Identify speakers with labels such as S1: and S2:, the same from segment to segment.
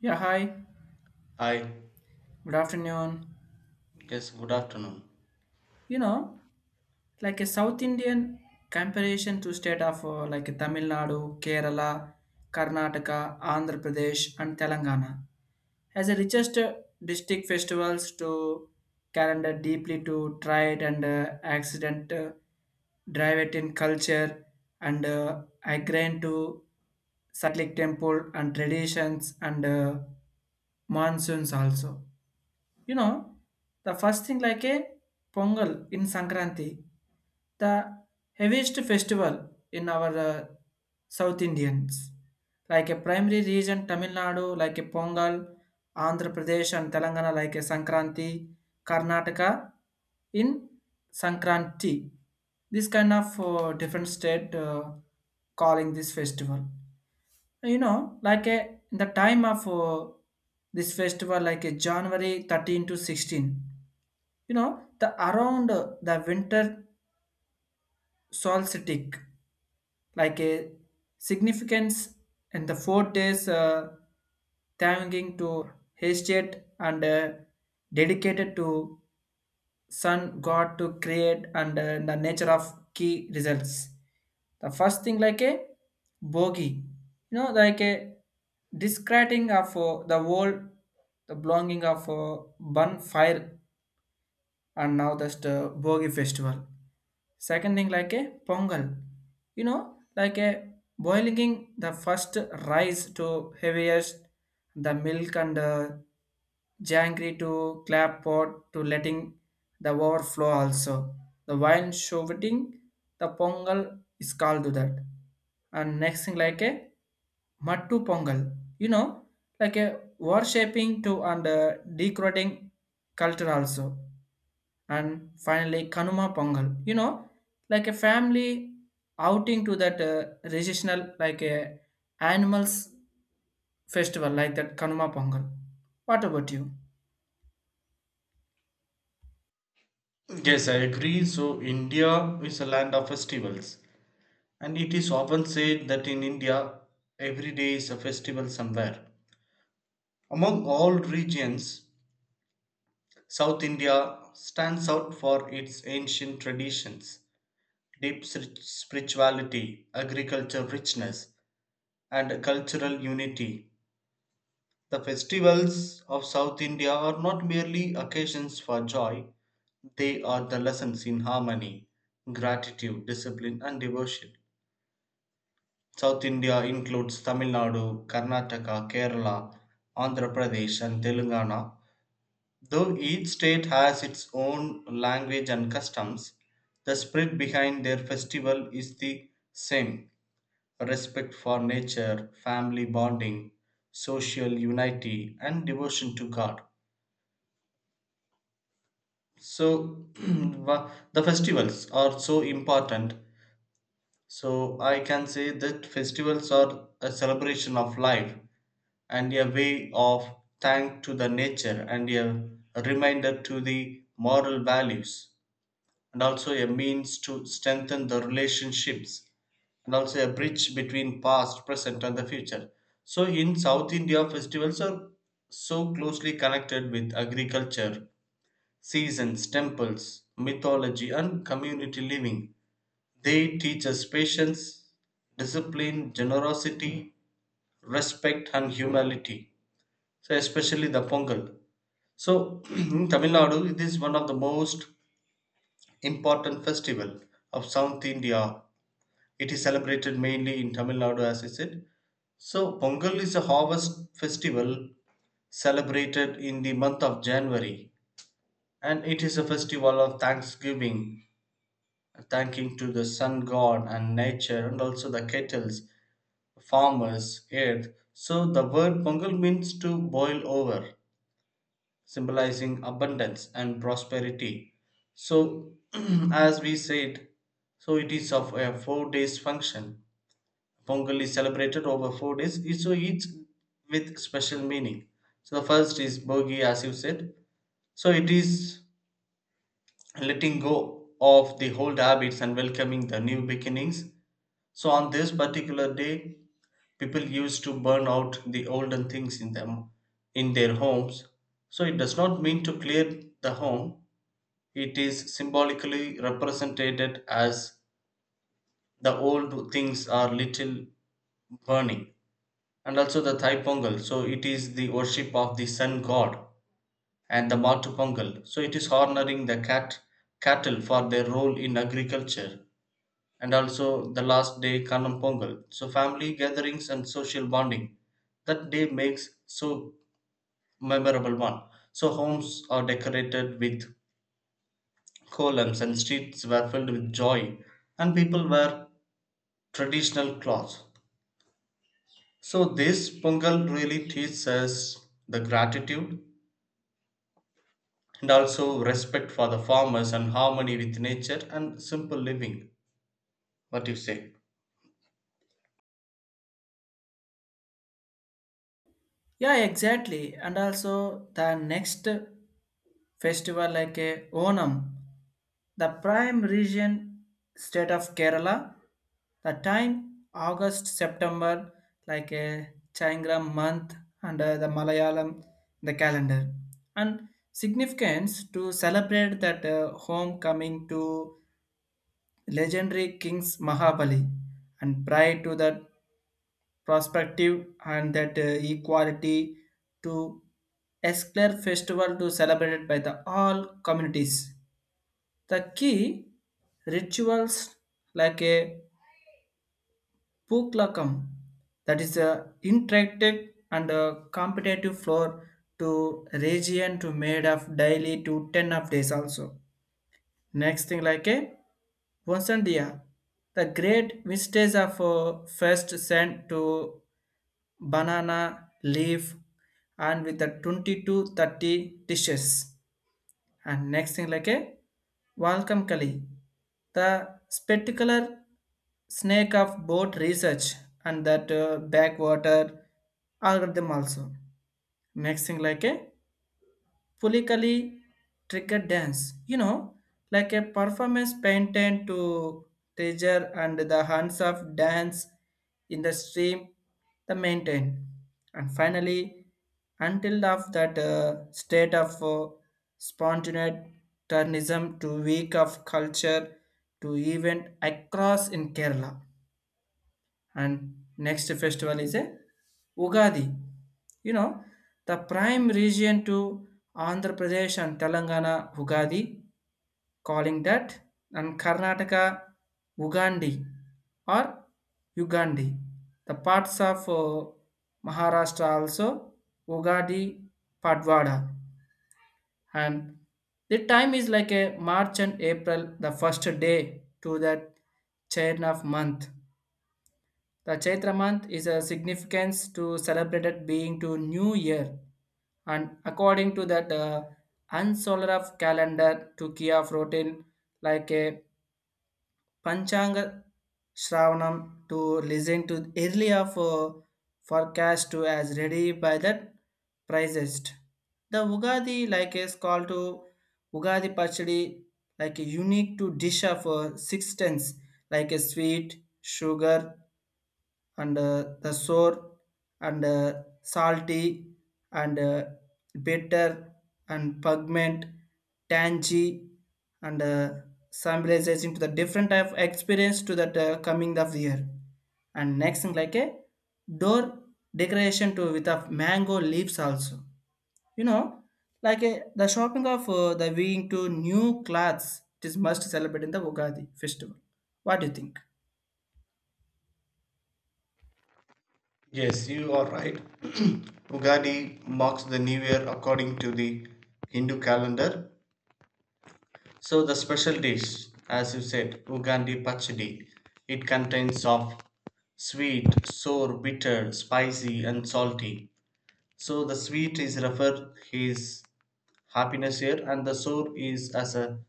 S1: Yeah, hi.
S2: Hi.
S1: Good afternoon.
S2: Yes, good afternoon.
S1: You know, like a South Indian comparison to state of like Tamil Nadu, Kerala, Karnataka, Andhra Pradesh, and Telangana has the richest district festivals to calendar deeply to trade and accident drive it in culture and agrarian to Satlik temple and traditions and monsoons also. You know, the first thing like a Pongal in Sankranti, the heaviest festival in our South Indians. Like a primary region, Tamil Nadu, like a Pongal, Andhra Pradesh and Telangana, like a Sankranti, Karnataka, in Sankranti. This kind of different state calling this festival like a the time of this festival like a January 13 to 16 the around the winter solstice like a significance and the 4 days thanking to Hestet and dedicated to sun god to create and the nature of key results the first thing like a bogey like a discrediting of the world the belonging of bonfire and now that's the Bogi festival. Second thing like a Pongal, like a boiling the first rice to heaviest, the milk and the jangry to clap pot to letting the overflow also. The wine shouting the Pongal is called to that. And next thing like a Mattu Pongal, like a worshipping to and decorating culture also and finally Kanuma Pongal. Like a family outing to that regional like a animals festival like that Kanuma Pongal. What about you?
S2: Yes, I agree. So, India is a land of festivals, and it is often said that in India, every day is a festival somewhere. Among all regions, South India stands out for its ancient traditions, spirituality, agriculture richness, and cultural unity. The festivals of South India are not merely occasions for joy, they are the lessons in harmony, gratitude, discipline, and devotion. South India includes Tamil Nadu, Karnataka, Kerala, Andhra Pradesh, and Telangana. Though each state has its own language and customs, the spirit behind their festival is the same respect for nature, family bonding, social unity, and devotion to God. So the festivals are so important. So I can say that festivals are a celebration of life and a way of thank to the nature and a reminder to the moral values and also a means to strengthen the relationships and also a bridge between past, present and the future. So in South India, festivals are so closely connected with agriculture seasons, temples, mythology, and community living. They teach us patience, discipline, generosity, respect, and humility. So, especially the Pongal. So, in Tamil Nadu, it is one of the most important festival of South India. It is celebrated mainly in Tamil Nadu, as I said. So, Pongal is a harvest festival celebrated in the month of January, and it is a festival of thanksgiving thanking to the sun god and nature and also the kettles, farmers, earth. So the word Pongal means to boil over, symbolizing abundance and prosperity. So as we said, so it is of a 4 days function. Pongal is celebrated over 4 days, so each with special meaning. So the first is Bogi, as you said. So it is letting go of the old habits and welcoming the new beginnings. So on this particular day, people used to burn out the olden things in them in their homes. So it does not mean to clear the home. It is symbolically represented as the old things are little burning. And also the Thai Pongal. So it is the worship of the sun god and the Matu Pongal. So it is honoring the cattle for their role in agriculture and also the last day Kalam Pongal. So family gatherings and social bonding. That day makes so memorable one. So homes are decorated with columns and streets were filled with joy and people wear traditional clothes. So this Pongal really teaches us the gratitude and also respect for the farmers and harmony with nature and simple living. What do you say?
S1: Yeah, exactly. And also the next festival like a Onam, the prime region state of Kerala, the time August September like a Chaingram month under the Malayalam the calendar and significance to celebrate that homecoming to legendary kings Mahabali and prior to that perspective and that equality to Esclair festival to celebrated by the all communities. The key rituals like a puklakam that is a interactive and a competitive floor to region to made of daily to 10 of days also. Next thing like a Vasandia, the great mistakes of first sent to banana leaf and with the 20 to 30 dishes. And next thing like a Welcome Kali, the spectacular snake of both research and that backwater algorithm also. Next thing like a Pulikali trigger dance, like a performance painted to treasure and the hands of dance in the stream, the maintain. And finally, until of that state of spontaneous turnism to week of culture to event across in Kerala and next festival is a Ugadi. You know, the prime region to Andhra Pradesh and Telangana Ugadi, calling that, and Karnataka Ugandi or Ugandi. The parts of Maharashtra also Ugadi Padwada, and the time is like a March and April, the first day to that chain of month the Chaitra month is a significance to celebrated being to New Year, and according to that unsolar of calendar to Kia routine like a Panchanga Shravanam to listen to early of forecast to as ready by that prizest. The Ugadi like is called to Ugadi Pachadi like a unique to dish of six tenths like a sweet, sugar, and the sour and salty and bitter and pigment tangy and symbolizing to the different type of experience to that coming of the year and next thing like a door decoration to with a mango leaves also you know like a the shopping of the wearing to new clothes it is must celebrate in the Ugadi festival. What do you think?
S2: Yes, you are right. Ugadi marks the new year according to the Hindu calendar. So, the special dish, as you said, Ugandi Pachadi, it contains of sweet, sour, bitter, spicy, and salty. So, the sweet is referred his happiness here, and the sour is as a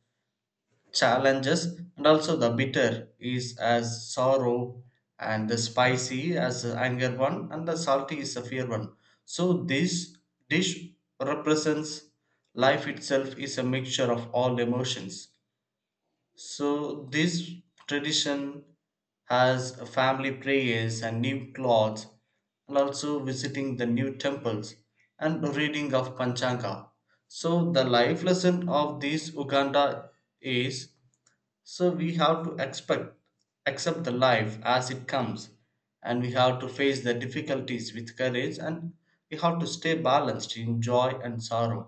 S2: challenges and also the bitter is as sorrow and the spicy as the anger one and the salty is the fear one. So this dish represents life itself is a mixture of all emotions. So this tradition has family prayers and new clothes and also visiting the new temples and reading of panchanga. So the life lesson of this uganda is so we have to expect accept the life as it comes, and we have to face the difficulties with courage, and we have to stay balanced in joy and sorrow.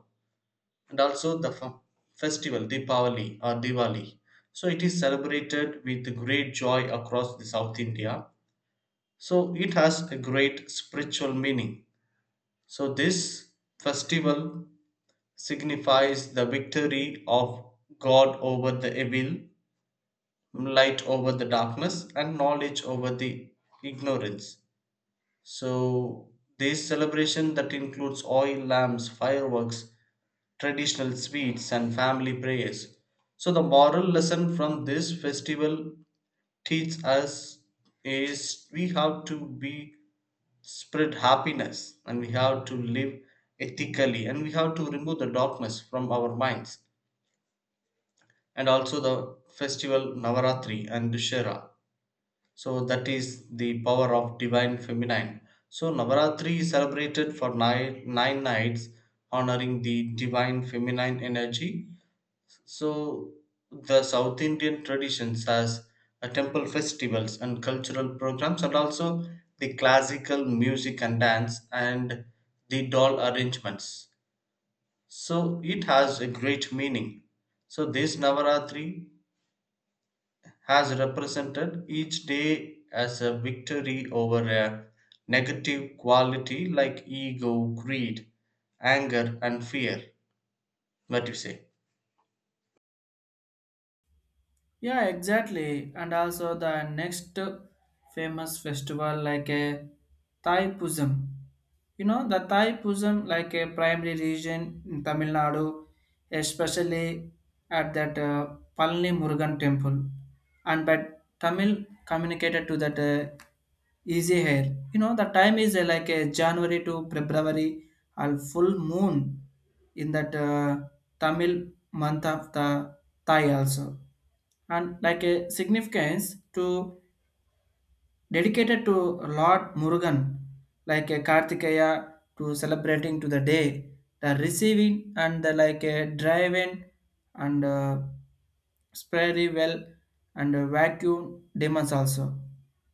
S2: And also the festival Deepavali or Diwali. So it is celebrated with great joy across the South India. So it has a great spiritual meaning. So this festival signifies the victory of God over the evil, light over the darkness, and knowledge over the ignorance. So, this celebration that includes oil lamps, fireworks, traditional sweets, and family prayers. So, the moral lesson from this festival teaches us is we have to be spread happiness, and we have to live ethically, and we have to remove the darkness from our minds. And also the festival Navaratri and Dussehra. So that is the power of divine feminine. So Navaratri is celebrated for nine nights, honoring the divine feminine energy. So the South Indian traditions has a temple festivals and cultural programs, and also the classical music and dance and the doll arrangements. So it has a great meaning. So this Navaratri has represented each day as a victory over a negative quality like ego, greed, anger, and fear. What you say?
S1: Yeah, exactly. And also the next famous festival like a Thai Pusam. The Thai Pusam like a primary region in Tamil Nadu, especially at that Palani Murugan temple. And but Tamil communicated to that easy hair. The time is like a January to February, and full moon in that Tamil month of the Thai also. And like a significance to dedicated to Lord Murugan, like a Kartikeya to celebrating to the day, the receiving and the like a driving and spready well and vacuum demons also.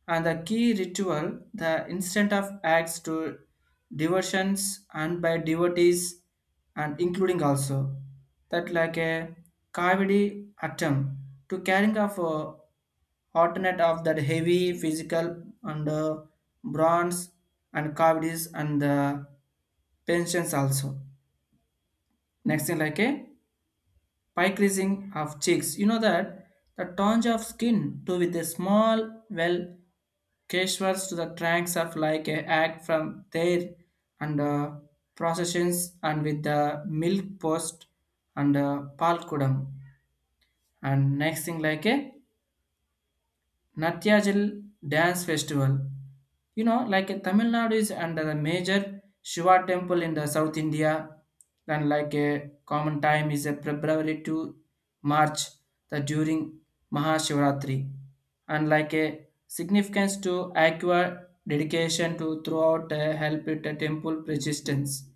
S1: And the key ritual, the instant of acts to diversions and by devotees and including also that like a cavity atom to carrying of a alternate of that heavy physical and bronze and cavities and the pensions also. Next thing like a pike raising of cheeks. You know that the tons of skin too with a small well caterers to the trunks of like a act from there and processions and with the milk post and palkudam and next thing like a Natyajal Dance Festival. Like Tamil Nadu is under the major Shiva temple in the South India, and like a common time is a February to March, the during Mahashivaratri, and like a significance to aqua dedication to throughout help it temple persistence.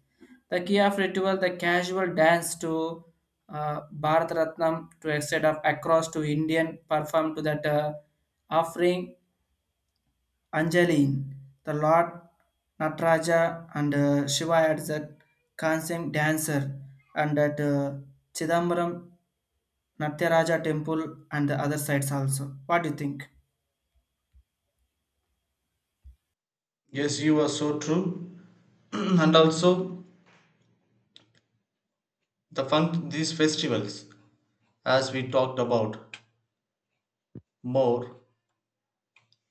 S1: The key of ritual, the casual dance to Bharat Ratnam to extend of across to Indian perform to that offering Anjaline, the Lord Nataraja and Shiva at that consent dancer and at Chidambaram Natyaraja temple and the other sites also. What do you think?
S2: Yes, you are so true. and also, the fun these festivals, as we talked about more.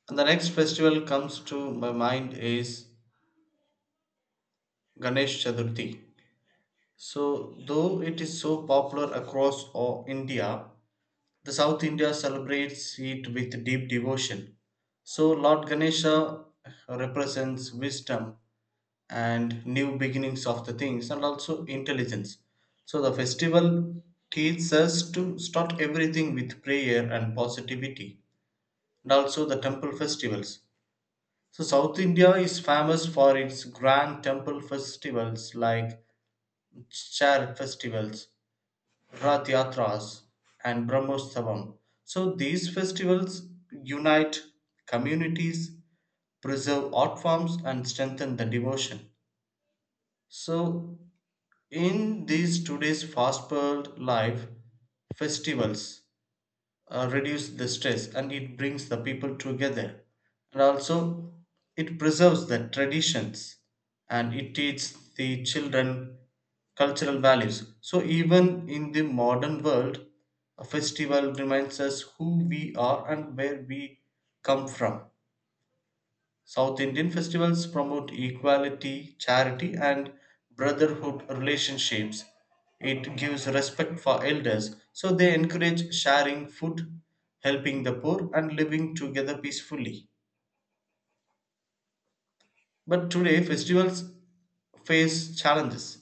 S2: And the next festival comes to my mind is Ganesh Chaturthi. So, though it is so popular across all India, the South India celebrates it with deep devotion. So Lord Ganesha represents wisdom and new beginnings of the things and also intelligence. So the festival teaches us to start everything with prayer and positivity, and also the temple festivals. So South India is famous for its grand temple festivals like Char festivals, Rath Yatras, and Brahmotsavam. So these festivals unite communities, preserve art forms, and strengthen the devotion. So in these today's fast-paced life, festivals reduce the stress and it brings the people together, and also it preserves the traditions and it teaches the children cultural values. So even in the modern world a festival reminds us who we are and where we come from. South Indian festivals promote equality, charity, and brotherhood relationships. It gives respect for elders, so they encourage sharing food, helping the poor, and living together peacefully. But today, festivals face challenges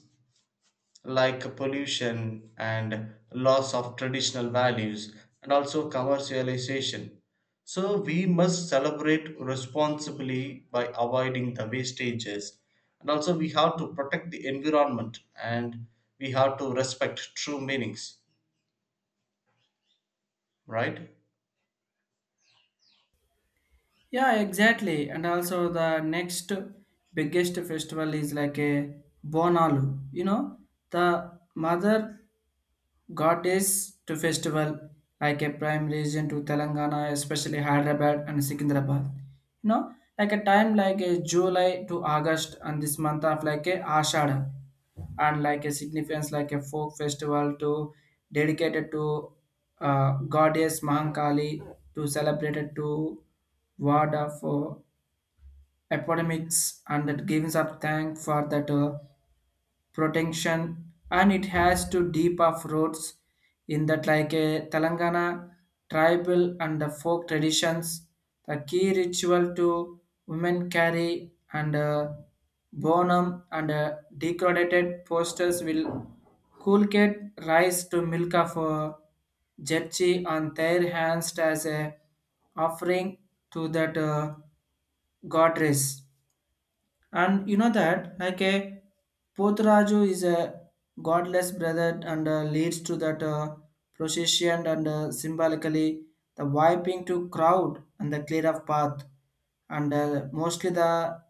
S2: like pollution and loss of traditional values and also commercialization. So we must celebrate responsibly by avoiding the wastages, and also we have to protect the environment, and we have to respect true meanings, right?
S1: Yeah, exactly. And also the next biggest festival is like a Bonalu. The mother God Days to festival like a prime region to Telangana, especially Hyderabad and Secunderabad. You know, like a time like a July to August and this month of like a Ashada and like a significance like a folk festival to dedicated to goddess Mahankali to celebrated to word of epidemics and that gives up thank for that protection and it has to deep of roots in that like a Telangana tribal and the folk traditions. The key ritual to women carry and bonum and decorated posters will culcate rice to milk of Jetchi on their hands as a offering to that goddess and you know that, like a Pothraju is a godless brother and leads to that procession and symbolically the wiping to crowd and the clear of path. And mostly the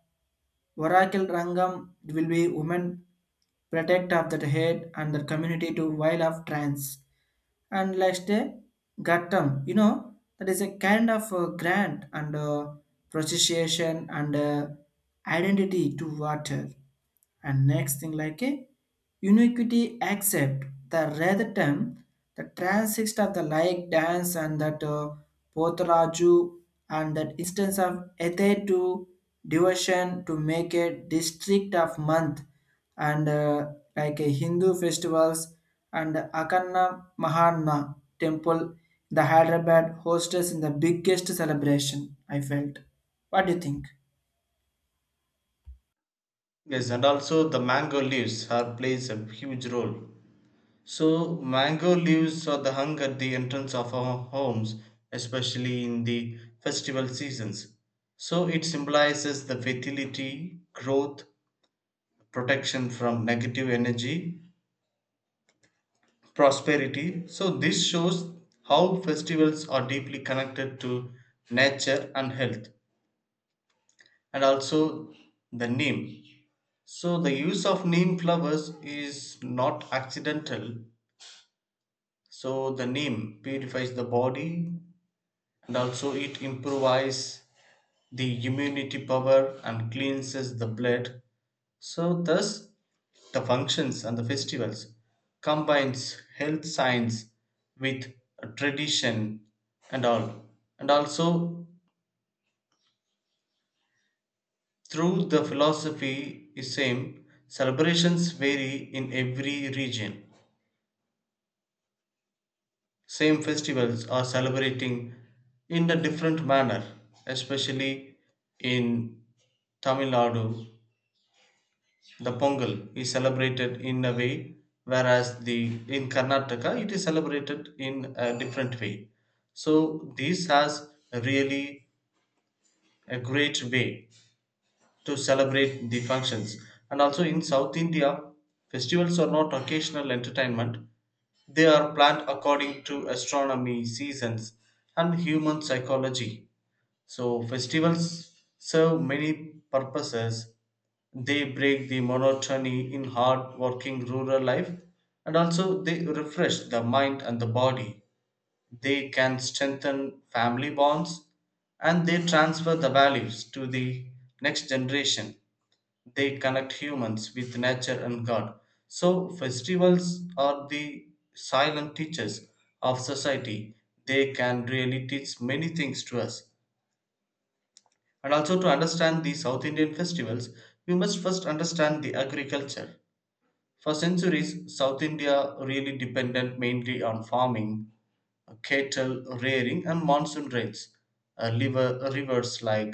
S1: Varakil Rangam will be women protect of that head and the community to while of trance and last a gattam that is a kind of grant and procession and identity to water and next thing like a uniquity accept the rather term the transist of the like dance and that Pothraju and that instance of Ethe to devotion to make a district of month and like Hindu festivals and Akanna Mahanna temple, the Hyderabad hostess in the biggest celebration. I felt. What do you think?
S2: Yes, and also the mango leaves are plays a huge role. So, mango leaves are the hung at the entrance of our homes, especially in the festival seasons. So, it symbolizes the fertility, growth, protection from negative energy, prosperity. So, this shows how festivals are deeply connected to nature and health, and also the neem. So, the use of neem flowers is not accidental. So, the neem purifies the body, and also it improves the immunity power and cleanses the blood. So thus the functions and the festivals combines health science with tradition and all, and also through the philosophy is same, celebrations vary in every region, same festivals are celebrating in a different manner, especially in Tamil Nadu. The Pongal is celebrated in a way, whereas the in Karnataka it is celebrated in a different way. So this has really a great way to celebrate the functions. And also in South India, festivals are not occasional entertainment. They are planned according to astronomy, seasons, and human psychology. So festivals serve many purposes. They break the monotony in hard working rural life, and also they refresh the mind and the body. They can strengthen family bonds, and they transfer the values to the next generation. They connect humans with nature and God. So, festivals are the silent teachers of society. They can really teach many things to us, and also, to understand the South Indian festivals, we must first understand the agriculture. For centuries, South India really depended mainly on farming, cattle rearing, and monsoon rains. Rivers like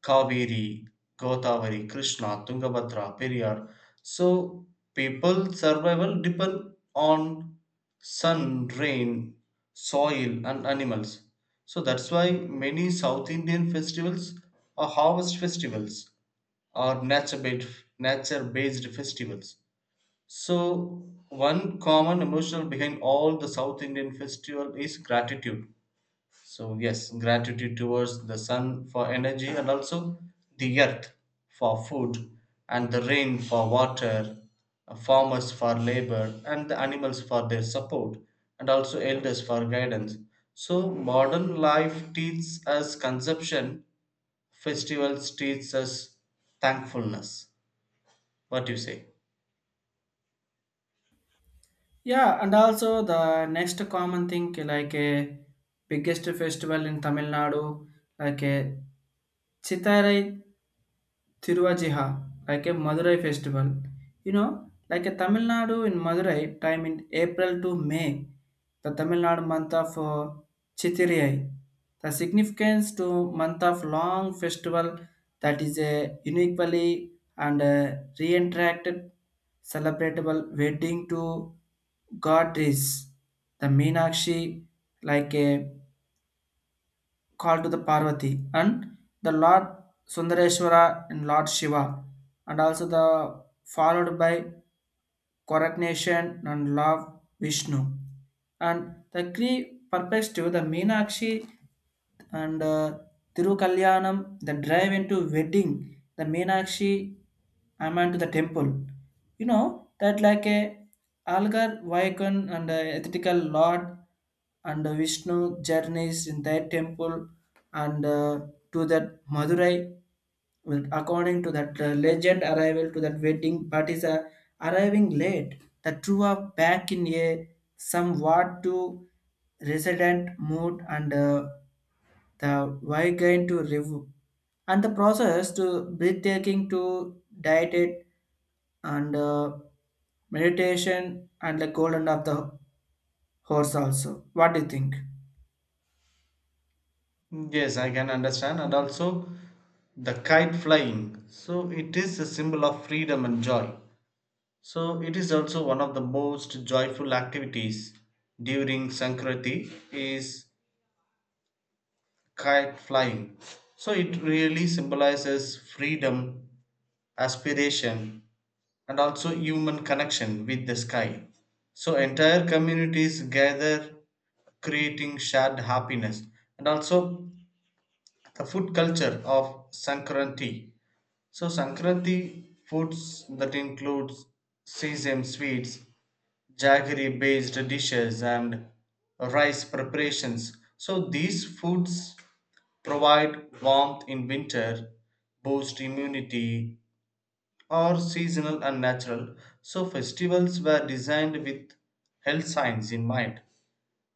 S2: Kaveri, Godavari, Krishna, Tungabhadra, Periyar. So people survival depend on sun, rain, soil and animals. So that's why many South Indian festivals are harvest festivals or nature-based festivals. So one common emotional behind all the South Indian festival is gratitude. So, yes, gratitude towards the sun for energy, and also the earth for food, and the rain for water, farmers for labor, and the animals for their support, and also elders for guidance. So, modern life teaches us consumption, festivals teach us thankfulness. What do you say?
S1: Yeah, and also the next common thing like a biggest festival in Tamil Nadu, like a Chitharai Thiruvajiha, like a Madurai festival. Like a Tamil Nadu in Madurai, time in April to May, the Tamil Nadu month of Chittiriyai. The significance to month of long festival that is a uniquely and reenacted celebratable wedding to goddess, the Meenakshi, like a called to the Parvati and the Lord Sundareshwara and Lord Shiva and also the followed by coronation and love Vishnu and the three perspective the Meenakshi and Tirukalyanam, the drive into wedding, the Meenakshi Aman to the temple. You know that like a algar, Vaikon and ethical lord and Vishnu journeys in their temple and to that Madurai. Well, according to that legend, arrival to that wedding parties are arriving late. The two are back in a somewhat to resident mood and the why going to review and the process to breathtaking to diet it and meditation and the golden of the horse also. What do you think?
S2: Yes, I can understand, and also the kite flying. So, it is a symbol of freedom and joy. So it is also one of the most joyful activities during Sankranti is kite flying. So it really symbolizes freedom, aspiration, and also human connection with the sky. So entire communities gather creating shared happiness, and also the food culture of Sankranti. So Sankranti foods that includes sesame sweets, jaggery based dishes, and rice preparations. So these foods provide warmth in winter, boost immunity, are seasonal and natural. So festivals were designed with health science in mind.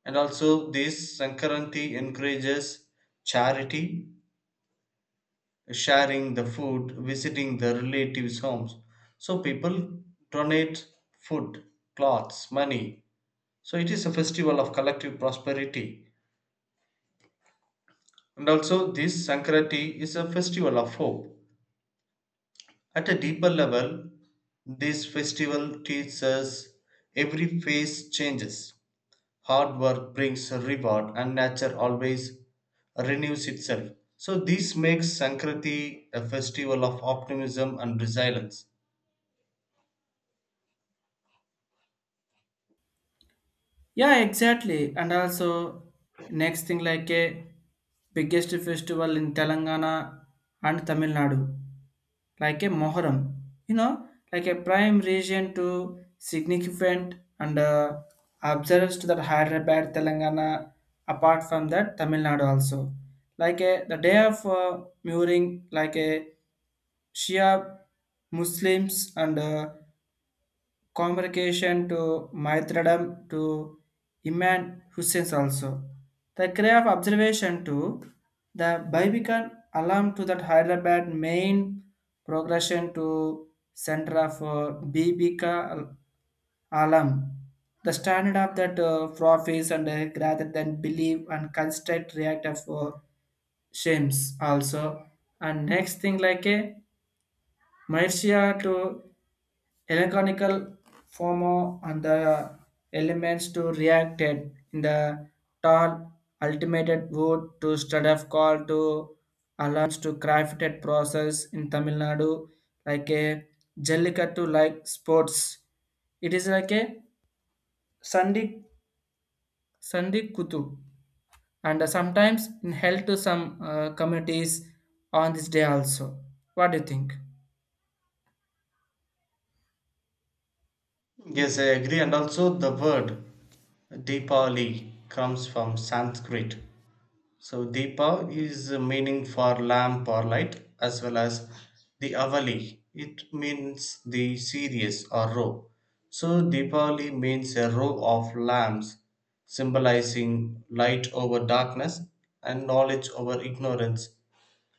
S2: And also this Sankranti encourages charity, sharing the food, visiting the relatives' homes. So people donate food, clothes, money. So it is a festival of collective prosperity. And also, this Sankrati is a festival of hope. At a deeper level, this festival teaches us every phase changes. Hard work brings a reward, and nature always renews itself. So, this makes Sankrati a festival of optimism and resilience.
S1: Yeah, exactly. And also next thing like a biggest festival in Telangana and Tamil Nadu, like a Moharam. You know, like a prime region to significant and observes to that Hyderabad, Telangana. Apart from that, Tamil Nadu also. Like a the day of mooring, like a Shia Muslims and convocation to Maitradam to Imam Hussein also. The cry of observation to the Barbican alarm to that Hyderabad main progression to center for Bibika alarm. The standard of that profits and rather than believe and construct reactive for shames also. And next thing like a Marcia to electronical form and the elements to reacted in the tall ultimated wood to stud of call to alarms to crafted process in Tamil Nadu like a jellicut to like sports. It is like a Sandi Sandi Kutu and sometimes in held to some communities on this day also. What do you think?
S2: Yes, I agree. And also, the word Deepali comes from Sanskrit. So Deepa is a meaning for lamp or light, as well as the Avali. It means the series or row. So Deepavali means a row of lamps, symbolizing light over darkness and knowledge over ignorance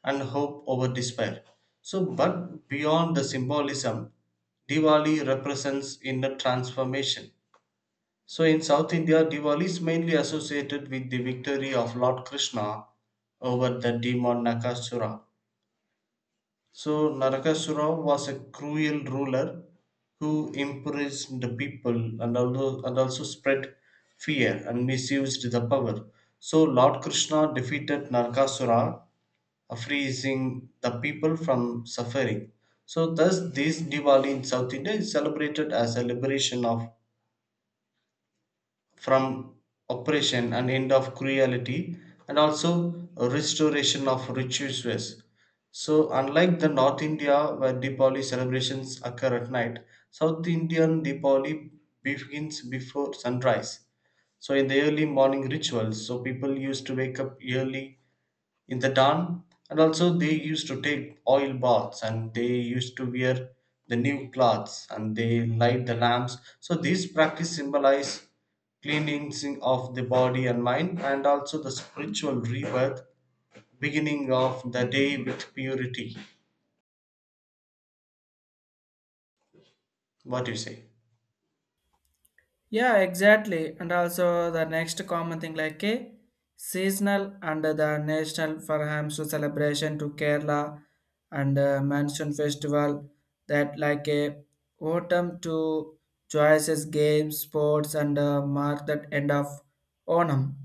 S2: and hope over despair. So, but beyond the symbolism, Diwali represents inner transformation. So in South India, Diwali is mainly associated with the victory of Lord Krishna over the demon Nakasura. So Narakasura was a cruel ruler who imprisoned the people, and also spread fear and misused the power. So Lord Krishna defeated Narakasura, freeing the people from suffering. So thus this Diwali in South India is celebrated as a liberation of from oppression and end of cruelty, and also a restoration of rituals. So unlike the North India where Diwali celebrations occur at night, South Indian Diwali begins before sunrise. So in the early morning rituals, so people used to wake up early in the town, and also they used to take oil baths, and they used to wear the new clothes, and they light the lamps. So these practice symbolize cleansing of the body and mind, and also the spiritual rebirth, beginning of the day with purity. What do you say?
S1: Yeah, exactly. And also the next common thing like a seasonal under the national for Hamsu celebration to Kerala and Monsoon Festival that like a autumn to choices games sports and mark that end of Onam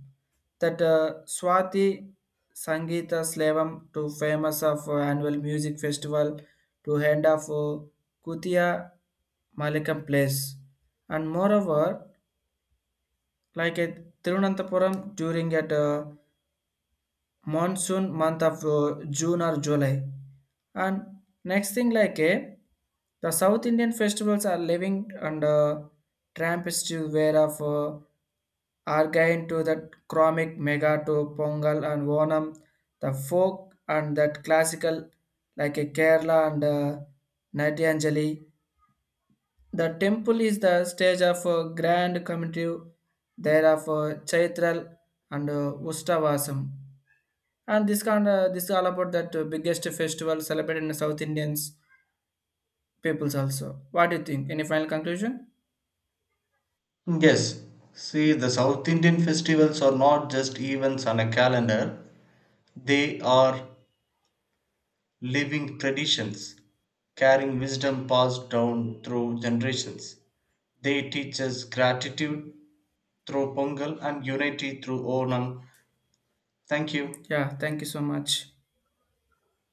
S1: that Swati Sangeeta Slavam to famous of annual music festival to end of Kutia Malikam place and moreover like at Thiruvananthapuram during at monsoon month of June or July. And next thing like a the South Indian festivals are living under trampistu wear of Argain to that chromic mega to Pongal and Onam, the folk and that classical like a Kerala and Natyanjali the temple is the stage of a grand committee there of Chaitral and Ustavasam. And this is all about that biggest festival celebrated in South Indians peoples also. What do you think? Any final conclusion?
S2: Yes. See, the South Indian festivals are not just events on a calendar, they are living traditions, carrying wisdom passed down through generations. They teach us gratitude through Pongal and unity through Onam. Thank you.
S1: Yeah, thank you so much.